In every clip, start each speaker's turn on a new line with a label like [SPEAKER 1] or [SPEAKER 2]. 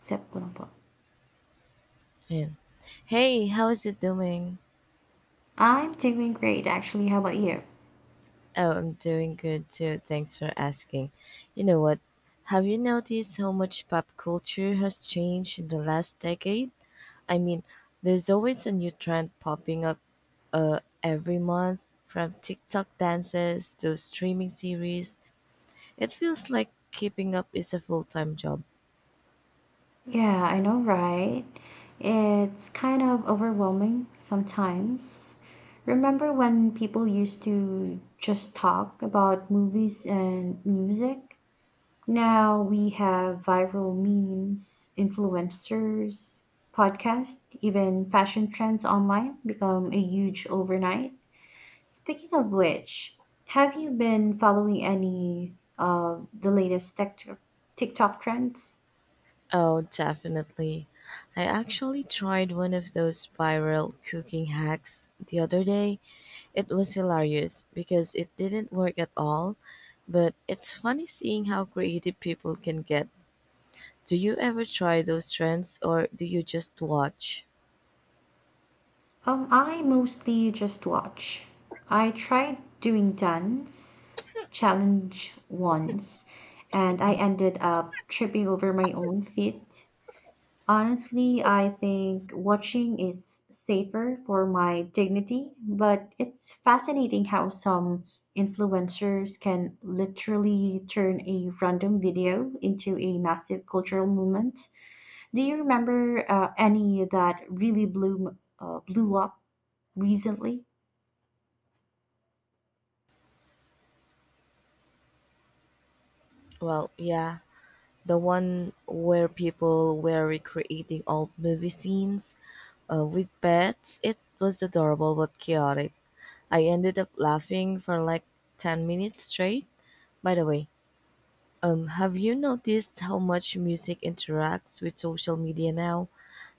[SPEAKER 1] Except quote unquote.
[SPEAKER 2] Yeah. Hey, how is it doing?
[SPEAKER 1] I'm doing great, actually. How about you?
[SPEAKER 2] Oh, I'm doing good too. Thanks for asking. You know what? Have you noticed how much pop culture has changed in the last decade? I mean, there's always a new trend popping up every month, from TikTok dances to streaming series. It feels like keeping up is a full time job.
[SPEAKER 1] Yeah, I know, right? It's kind of overwhelming sometimes. Remember when people used to just talk about movies and music? Now we have viral memes, influencers, podcasts, even fashion trends online become a huge overnight. Speaking of which, have you been following any of the latest tech TikTok trends?
[SPEAKER 2] Oh, definitely. I actually tried one of those viral cooking hacks the other day. It was hilarious because it didn't work at all, but it's funny seeing how creative people can get. Do you ever try those trends or do you just watch?
[SPEAKER 1] I mostly just watch. I tried doing dance challenge once, and I ended up tripping over my own feet. Honestly, I think watching is safer for my dignity, but it's fascinating how some influencers can literally turn a random video into a massive cultural movement. Do you remember any that really blew up recently?
[SPEAKER 2] Well, yeah, the one where people were recreating old movie scenes with pets. It was adorable but chaotic. I ended up laughing for like 10 minutes straight. By the way, have you noticed how much music interacts with social media now?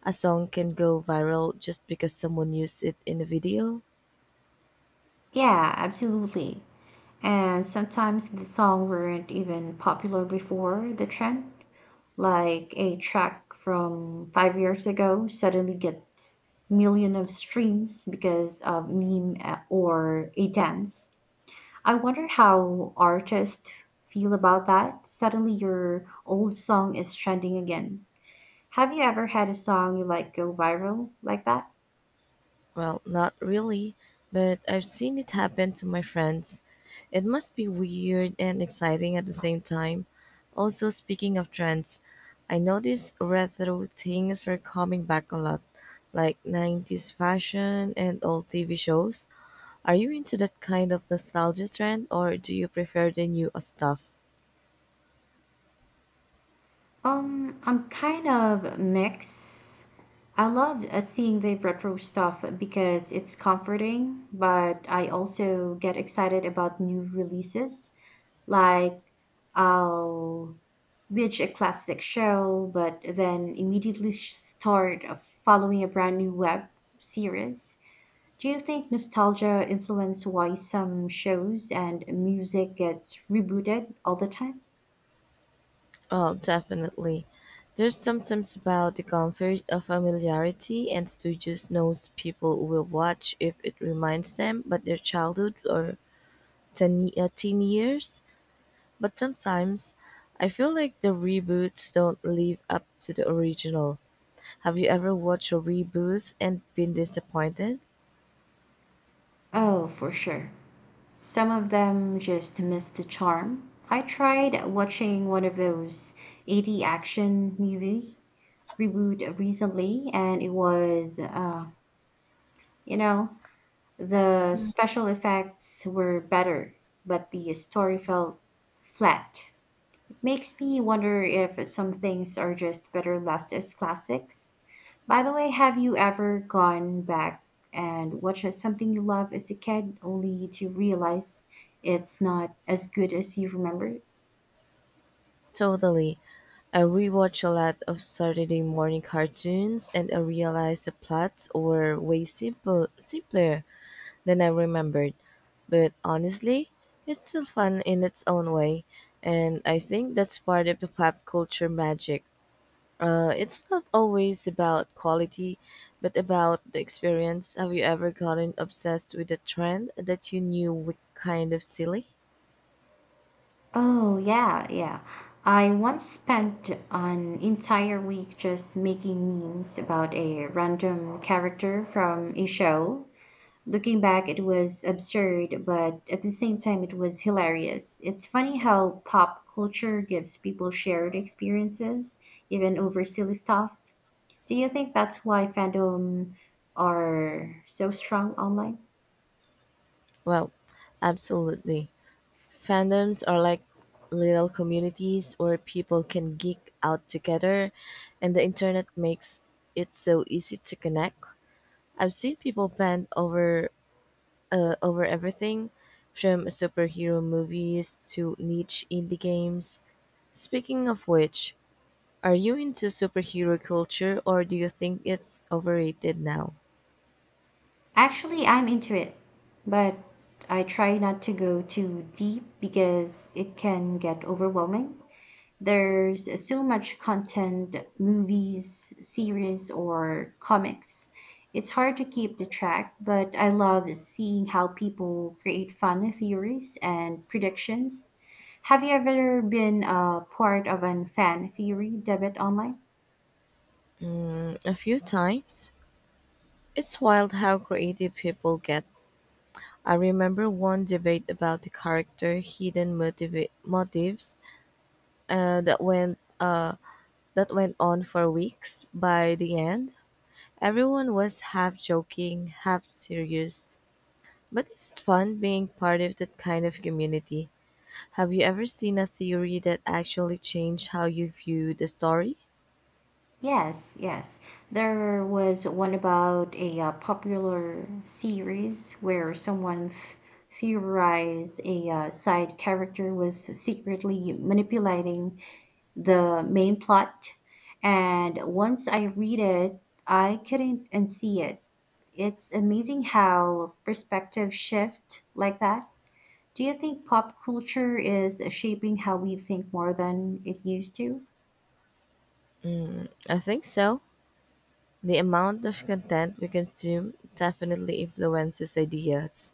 [SPEAKER 2] A song can go viral just because someone used it in a video.
[SPEAKER 1] Yeah, absolutely. And sometimes the song weren't even popular before the trend, like a track from 5 years ago suddenly gets million of streams because of meme, or a dance. I wonder how artists feel about that. Suddenly your old song is trending again. Have you ever had a song you like go viral like that?
[SPEAKER 2] Well, not really, but I've seen it happen to my friends. It must be weird and exciting at the same time. Also, speaking of trends, I noticed retro things are coming back a lot, like 90s fashion and old TV shows. Are you into that kind of nostalgia trend or do you prefer the new stuff?
[SPEAKER 1] I'm kind of mixed. I love seeing the retro stuff because it's comforting, but I also get excited about new releases. Like, I'll binge a classic show, but then immediately start following a brand new web series. Do you think nostalgia influenced why some shows and music gets rebooted all the time?
[SPEAKER 2] Oh, definitely. There's sometimes about the comfort of familiarity, and Stooges knows people will watch if it reminds them, but their childhood or teen years. But sometimes, I feel like the reboots don't live up to the original. Have you ever watched a reboot and been disappointed?
[SPEAKER 1] Oh, for sure. Some of them just miss the charm. I tried watching one of those 80 action movie reboot recently, and it was, you know, the special effects were better, but the story felt flat. It makes me wonder if some things are just better left as classics. By the way, have you ever gone back and watched something you loved as a kid only to realize it's not as good as you remember?
[SPEAKER 2] Totally. I rewatch a lot of Saturday morning cartoons and I realized the plots were way simpler. Then I remembered. But honestly, it's still fun in its own way, and I think that's part of the pop culture magic. It's not always about quality, but about the experience. Have you ever gotten obsessed with a trend that you knew was kind of silly?
[SPEAKER 1] Oh, yeah, yeah. I once spent an entire week just making memes about a random character from a show. Looking back, it was absurd, but at the same time, it was hilarious. It's funny how pop culture gives people shared experiences, even over silly stuff. Do you think that's why fandom are so strong online?
[SPEAKER 2] Well, absolutely. Fandoms are like little communities where people can geek out together, and the internet makes it so easy to connect. I've seen people bent over everything, from superhero movies to niche indie games. Speaking of which, are you into superhero culture or do you think it's overrated now?
[SPEAKER 1] Actually, I'm into it, but I try not to go too deep because it can get overwhelming. There's so much content, movies, series, or comics. It's hard to keep the track, but I love seeing how people create fun theories and predictions. Have you ever been a part of an fan theory debate online?
[SPEAKER 2] A few times. It's wild how creative people get. I remember one debate about the character hidden motives uh, that went uh, that went on for weeks. By the end, everyone was half joking, half serious, but it's fun being part of that kind of community. Have you ever seen a theory that actually changed how you viewed the story?
[SPEAKER 1] Yes, yes. There was one about a popular series where theorized a side character was secretly manipulating the main plot. And once I read it, I couldn't unsee it. It's amazing how perspective shift like that. Do you think pop culture is shaping how we think more than it used to?
[SPEAKER 2] I think so. The amount of content we consume definitely influences ideas,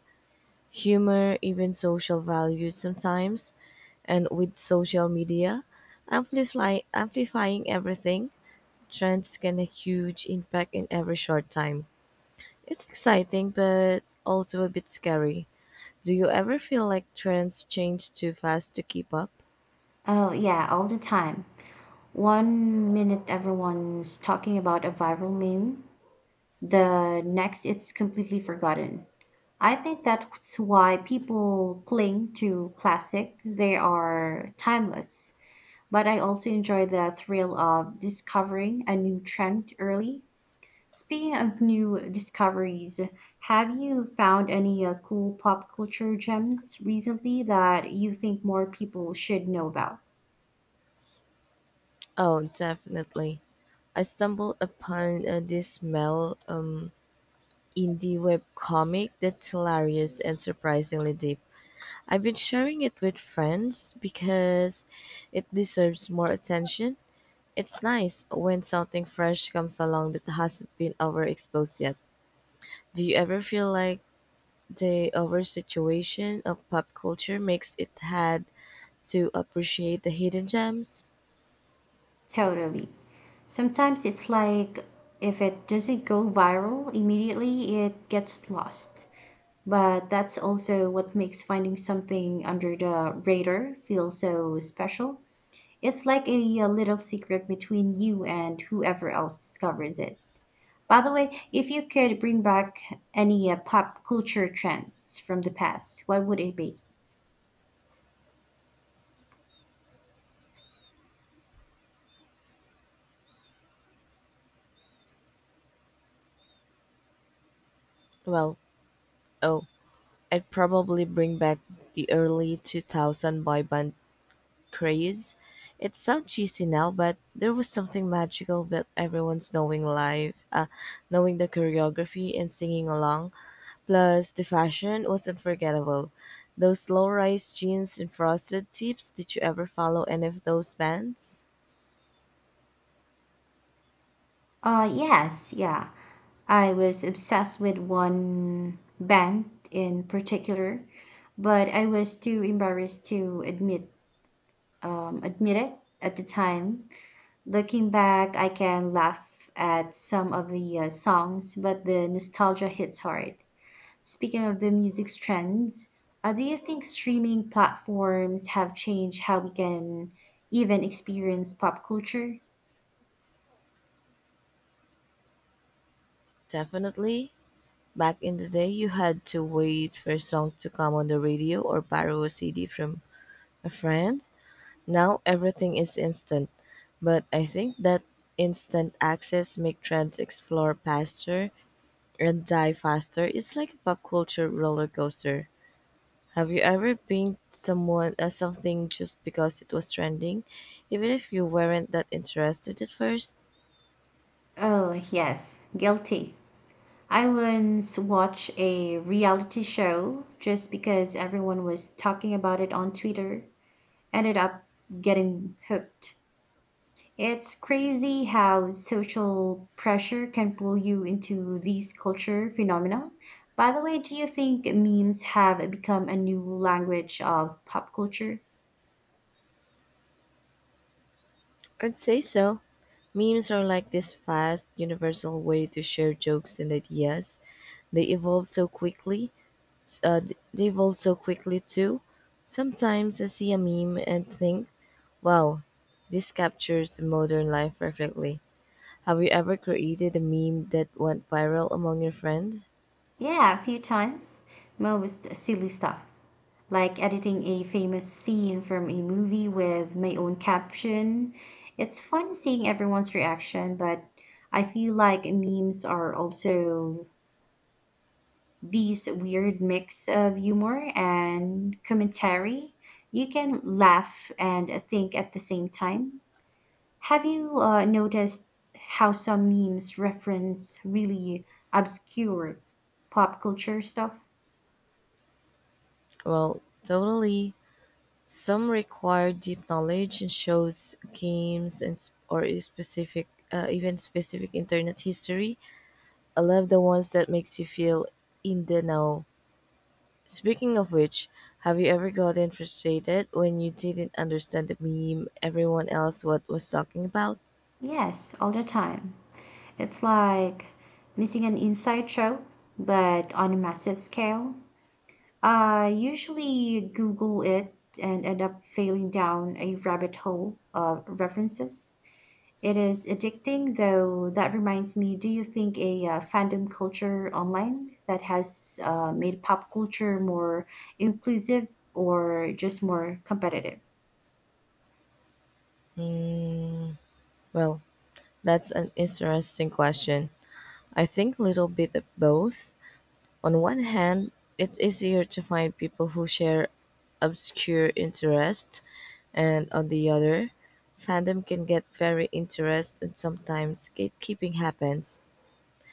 [SPEAKER 2] humor, even social values sometimes. And with social media, amplifying everything, trends can have huge impact in every short time. It's exciting, but also a bit scary. Do you ever feel like trends change too fast to keep up?
[SPEAKER 1] Oh, yeah, all the time. One minute everyone's talking about a viral meme, the next it's completely forgotten. I think that's why people cling to classic. They are timeless, but I also enjoy the thrill of discovering a new trend early. Speaking of new discoveries, have you found any cool pop culture gems recently that you think more people should know about?
[SPEAKER 2] Oh, definitely. I stumbled upon this smell indie web comic that's hilarious and surprisingly deep. I've been sharing it with friends because it deserves more attention. It's nice when something fresh comes along that hasn't been overexposed yet. Do you ever feel like the oversaturation of pop culture makes it hard to appreciate the hidden gems.
[SPEAKER 1] Totally. Sometimes it's like if it doesn't go viral immediately, it gets lost. But that's also what makes finding something under the radar feel so special. It's like a, little secret between you and whoever else discovers it. By the way, if you could bring back any pop culture trends from the past, what would it be?
[SPEAKER 2] Well, oh, I'd probably bring back the early 2000 boy band craze. It sounds cheesy now, but there was something magical about everyone's knowing the choreography and singing along. Plus, the fashion was unforgettable. Those low-rise jeans and frosted tips, did you ever follow any of those bands?
[SPEAKER 1] Yes, yeah. I was obsessed with one band in particular, but I was too embarrassed to admit it at the time. Looking back, I can laugh at some of the songs, but the nostalgia hits hard. Speaking of the music trends, do you think streaming platforms have changed how we can even experience pop culture?
[SPEAKER 2] Definitely. Back in the day, you had to wait for a song to come on the radio or borrow a CD from a friend. Now everything is instant, but I think that instant access make trends explore faster and die faster. It's like a pop culture roller coaster. Have you ever been someone something just because it was trending, even if you weren't that interested at first?
[SPEAKER 1] Oh, yes, guilty. I once watched a reality show just because everyone was talking about it on Twitter, ended up getting hooked. It's crazy how social pressure can pull you into these culture phenomena. By the way, do you think memes have become a new language of pop culture?
[SPEAKER 2] I'd say so. Memes are like this fast, universal way to share jokes and ideas. They evolve so quickly. Uh, they evolve so quickly too. Sometimes I see a meme and think, "Wow, this captures modern life perfectly." Have you ever created a meme that went viral among your friend?
[SPEAKER 1] Yeah, a few times. Most silly stuff, like editing a famous scene from a movie with my own caption. It's fun seeing everyone's reaction, but I feel like memes are also these weird mix of humor and commentary. You can laugh and think at the same time. Have you noticed how some memes reference really obscure pop culture stuff?
[SPEAKER 2] Well, totally. Some require deep knowledge and shows games or a specific internet history. I love the ones that makes you feel in the know. Speaking of which, have you ever gotten frustrated when you didn't understand the meme everyone else what was talking about?
[SPEAKER 1] Yes, all the time. It's like missing an inside joke, but on a massive scale. I usually Google it and end up failing down a rabbit hole of references. It is addicting, though. That reminds me, do you think a fandom culture online that has made pop culture more inclusive or just more competitive?
[SPEAKER 2] Well, that's an interesting question. I think little bit of both. On one hand, it's easier to find people who share obscure interest, and on the other, fandom can get very interest and sometimes gatekeeping happens.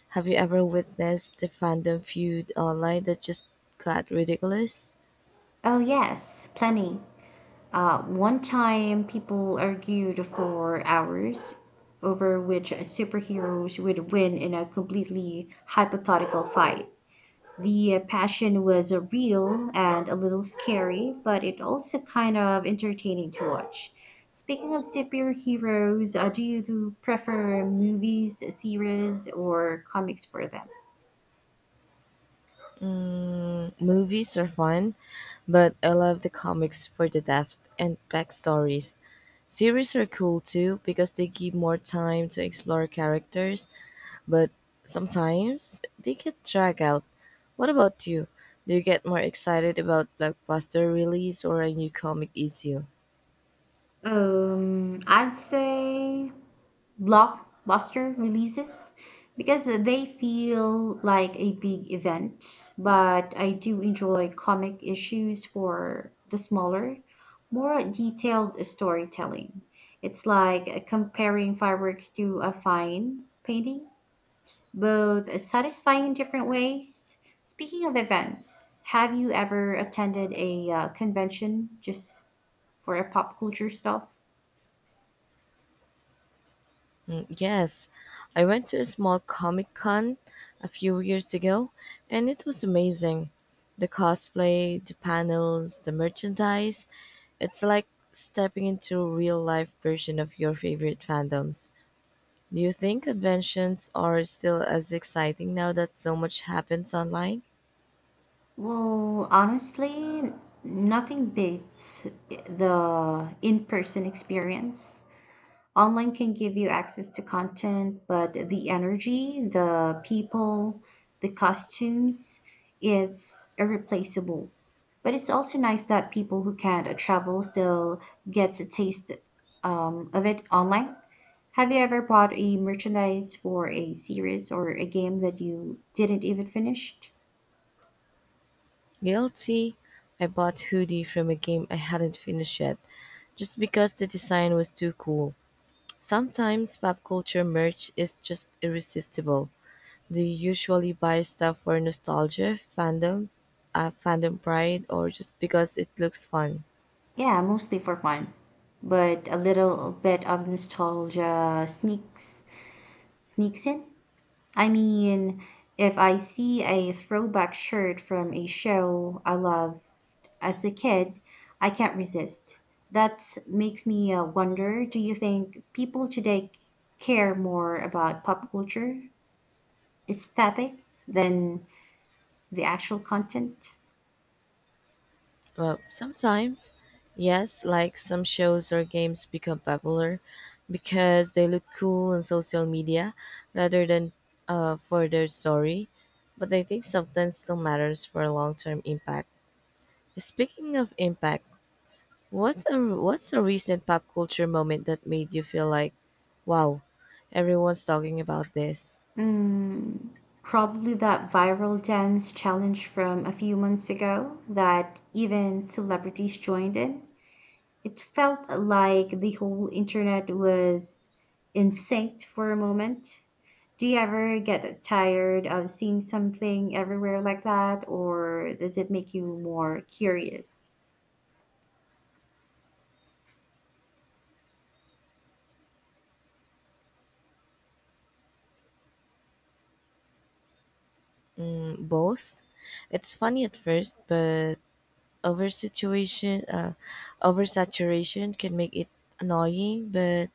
[SPEAKER 2] Have you ever witnessed a fandom feud online that just got ridiculous?
[SPEAKER 1] Oh, yes, plenty. One time, people argued for hours over which superheroes would win in a completely hypothetical fight. The passion was real and a little scary, but it also kind of entertaining to watch. Speaking of superheroes, do you do prefer movies, series, or comics for them?
[SPEAKER 2] Movies are fun, but I love the comics for the depth and backstories. Series are cool too because they give more time to explore characters, but sometimes they get dragged out. What about you? Do you get more excited about blockbuster release or a new comic issue?
[SPEAKER 1] I'd say blockbuster releases because they feel like a big event, but I do enjoy comic issues for the smaller, more detailed storytelling. It's like comparing fireworks to a fine painting, both satisfying in different ways. Speaking of events, have you ever attended a convention just for a pop culture stuff?
[SPEAKER 2] Yes, I went to a small comic con a few years ago and it was amazing. The cosplay, the panels, the merchandise. It's like stepping into a real life version of your favorite fandoms. Do you think conventions are still as exciting now that so much happens online?
[SPEAKER 1] Well, honestly, nothing beats the in person experience. Online can give you access to content, but the energy, the people, the costumes, it's irreplaceable. But it's also nice that people who can't travel still gets a taste of it online. Have you ever bought a merchandise for a series or a game that you didn't even finish?
[SPEAKER 2] Guilty. I bought hoodie from a game I hadn't finished yet just because the design was too cool. Sometimes pop culture merch is just irresistible. Do you usually buy stuff for nostalgia, fandom pride, or just because it looks fun?
[SPEAKER 1] Yeah, mostly for fun, but a little bit of nostalgia sneaks in. I mean, if I see a throwback shirt from a show I loved as a kid, I can't resist. That makes me wonder, do you think people today care more about pop culture aesthetic than the actual content?
[SPEAKER 2] Well, sometimes, yes, like some shows or games become popular because they look cool on social media rather than for their story. But I think sometimes still matters for long term impact. Speaking of impact, what's a recent pop culture moment that made you feel like, wow, everyone's talking about this?
[SPEAKER 1] Mm, probably that viral dance challenge from a few months ago that even celebrities joined in. It felt like the whole internet was in sync for a moment. Do you ever get tired of seeing something everywhere like that, or does it make you more curious?
[SPEAKER 2] Mm, both. It's funny at first, but over situation, uh, oversaturation can make it annoying. But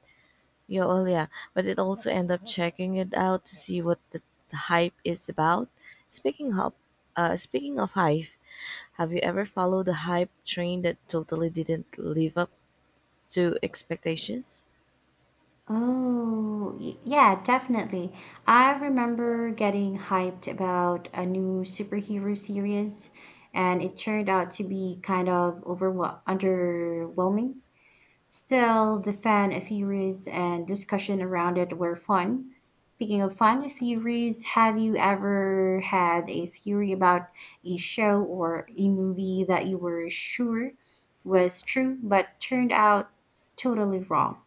[SPEAKER 2] you oh yeah, but it also end up checking it out to see what the hype is about. Speaking of, speaking of hype, have you ever followed the hype train that totally didn't live up to expectations?
[SPEAKER 1] Oh, yeah, definitely. I remember getting hyped about a new superhero series, and it turned out to be kind of underwhelming. Still, the fan theories and discussion around it were fun. Speaking of fun theories, have you ever had a theory about a show or a movie that you were sure was true but turned out totally wrong?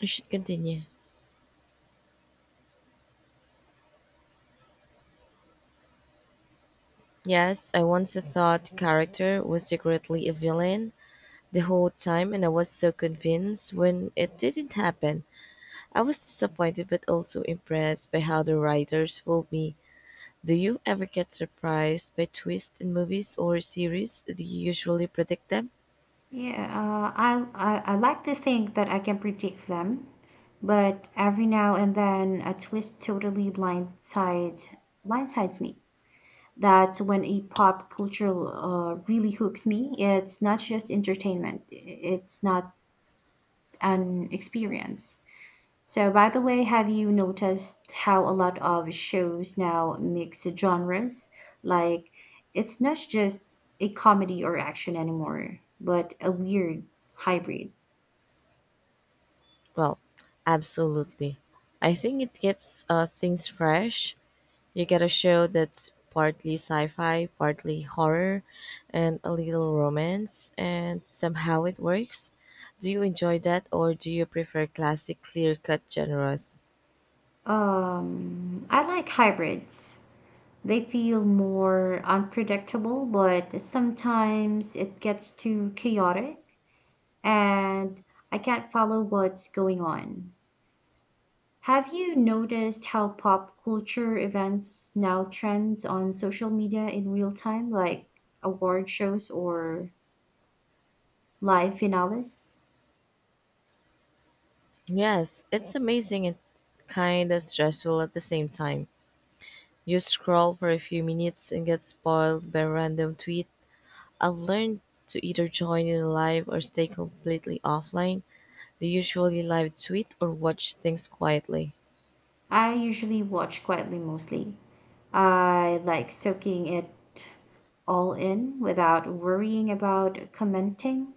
[SPEAKER 2] You should continue. Yes, I once thought the character was secretly a villain the whole time, and I was so convinced when it didn't happen. I was disappointed but also impressed by how the writers fooled me. Do you ever get surprised by twists in movies or series? Do you usually predict them?
[SPEAKER 1] Yeah, I like to think that I can predict them, but every now and then a twist totally blindsides me. That's when a pop culture really hooks me. It's not just entertainment; it's not an experience. So, by the way, have you noticed how a lot of shows now mix genres? Like, it's not just a comedy or action anymore, but a weird hybrid.
[SPEAKER 2] Well, absolutely. I think it keeps things fresh. You get a show that's partly sci fi, partly horror, and a little romance, and somehow it works. Do you enjoy that, or do you prefer classic, clear cut genres?
[SPEAKER 1] I like hybrids. They feel more unpredictable, but sometimes it gets too chaotic and I can't follow what's going on. Have you noticed how pop culture events now trends on social media in real time, like award shows or live finales?
[SPEAKER 2] Yes, it's amazing and kind of stressful at the same time. You scroll for a few minutes and get spoiled by a random tweet. I've learned to either join in live or stay completely offline. Do you usually live tweet or watch things quietly?
[SPEAKER 1] I usually watch quietly mostly. I like soaking it all in without worrying about commenting,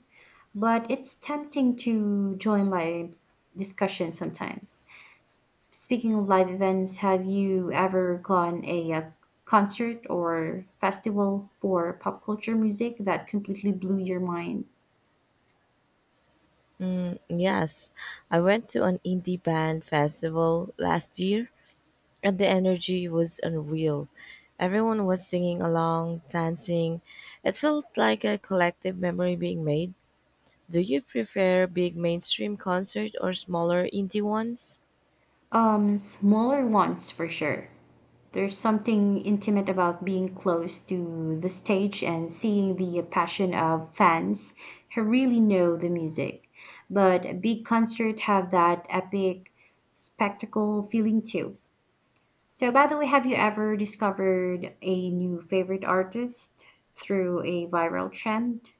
[SPEAKER 1] but it's tempting to join live discussions sometimes. S- Speaking of live events, have you ever gone a, concert or festival for pop culture music that completely blew your mind?
[SPEAKER 2] Yes, I went to an indie band festival last year and the energy was unreal. Everyone was singing along, dancing. It felt like a collective memory being made. Do you prefer big mainstream concerts or smaller indie ones?
[SPEAKER 1] Smaller ones for sure. There's something intimate about being close to the stage and seeing the passion of fans who really know the music. But big concerts have that epic spectacle feeling too. So, by the way, have you ever discovered a new favorite artist through a viral trend?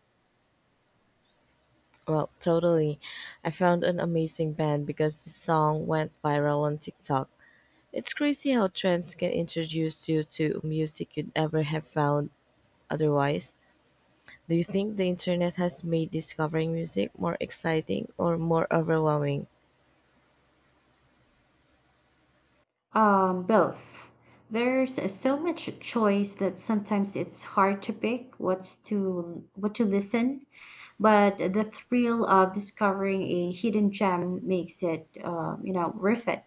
[SPEAKER 2] Well, totally. I found an amazing band because the song went viral on TikTok. It's crazy how trends can introduce you to music you'd ever have found otherwise. Do you think the internet has made discovering music more exciting or more overwhelming?
[SPEAKER 1] Both. There's so much choice that sometimes it's hard to pick what to listen, but the thrill of discovering a hidden gem makes it, worth it.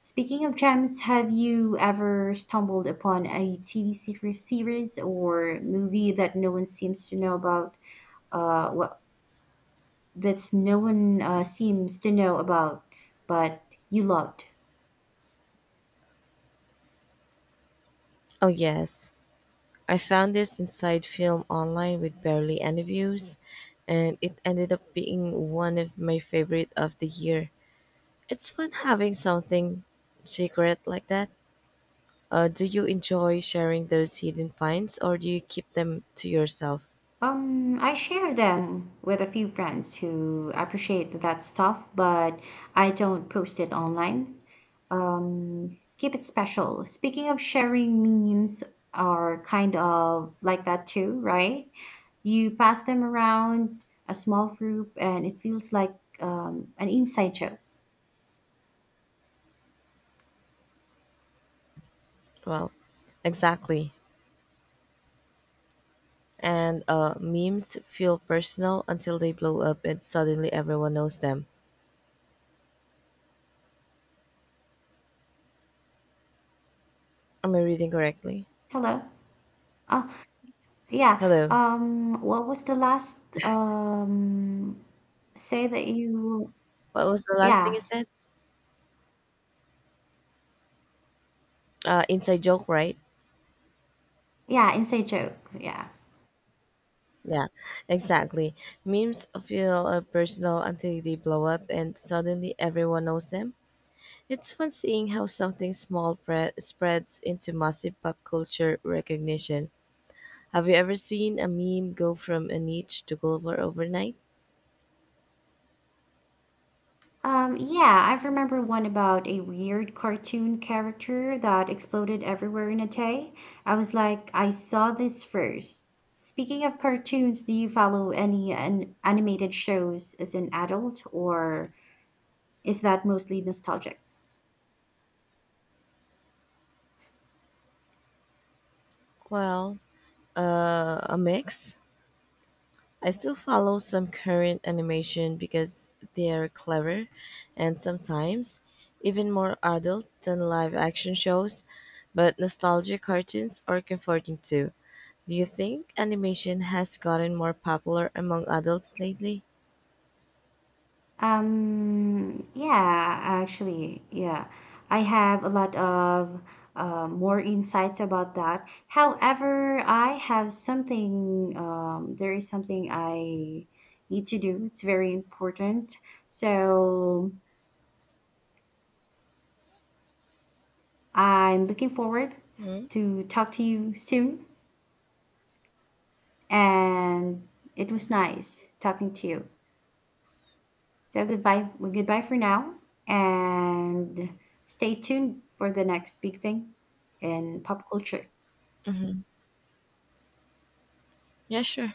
[SPEAKER 1] Speaking of gems, have you ever stumbled upon a TV series or movie that no one seems to know about? What that's no one seems to know about, but you loved.
[SPEAKER 2] Oh, yes. I found this inside film online with barely any views, and it ended up being one of my favorite of the year. It's fun having something secret like that. Do you enjoy sharing those hidden finds or do you keep them to yourself?
[SPEAKER 1] I share them with a few friends who appreciate that stuff, but I don't post it online. Keep it special. Speaking of sharing, memes are kind of like that too, right? You pass them around a small group, and it feels like an inside joke.
[SPEAKER 2] Well, exactly. And memes feel personal until they blow up and suddenly everyone knows them. Am I reading correctly?
[SPEAKER 1] Hello. Oh, yeah.
[SPEAKER 2] Hello.
[SPEAKER 1] What was the last um say that you?
[SPEAKER 2] What was the last thing you
[SPEAKER 1] Yeah,
[SPEAKER 2] said? Inside joke, right?
[SPEAKER 1] yeah, inside joke. Yeah.
[SPEAKER 2] Yeah, exactly. Memes feel personal until they blow up and suddenly everyone knows them. It's fun seeing how something spreads into massive pop culture recognition. Have you ever seen a meme go from a niche to global overnight?
[SPEAKER 1] Yeah, I remember one about a weird cartoon character that exploded everywhere in a day. I was like, I saw this first. Speaking of cartoons, do you follow any an animated shows as an adult, or is that mostly nostalgic?
[SPEAKER 2] Well, a mix. I still follow some current animation because they're clever and sometimes even more adult than live action shows, but nostalgia cartoons are comforting too. Do you think animation has gotten more popular among adults lately?
[SPEAKER 1] Yeah, actually, yeah. I have a lot of more insights about that. However, I have there is something I need to do. It's very important. So I'm looking forward to talk to you soon. And it was nice talking to you. So goodbye for now, and stay tuned for the next big thing in pop culture.
[SPEAKER 2] Mm-hmm. Yeah, sure.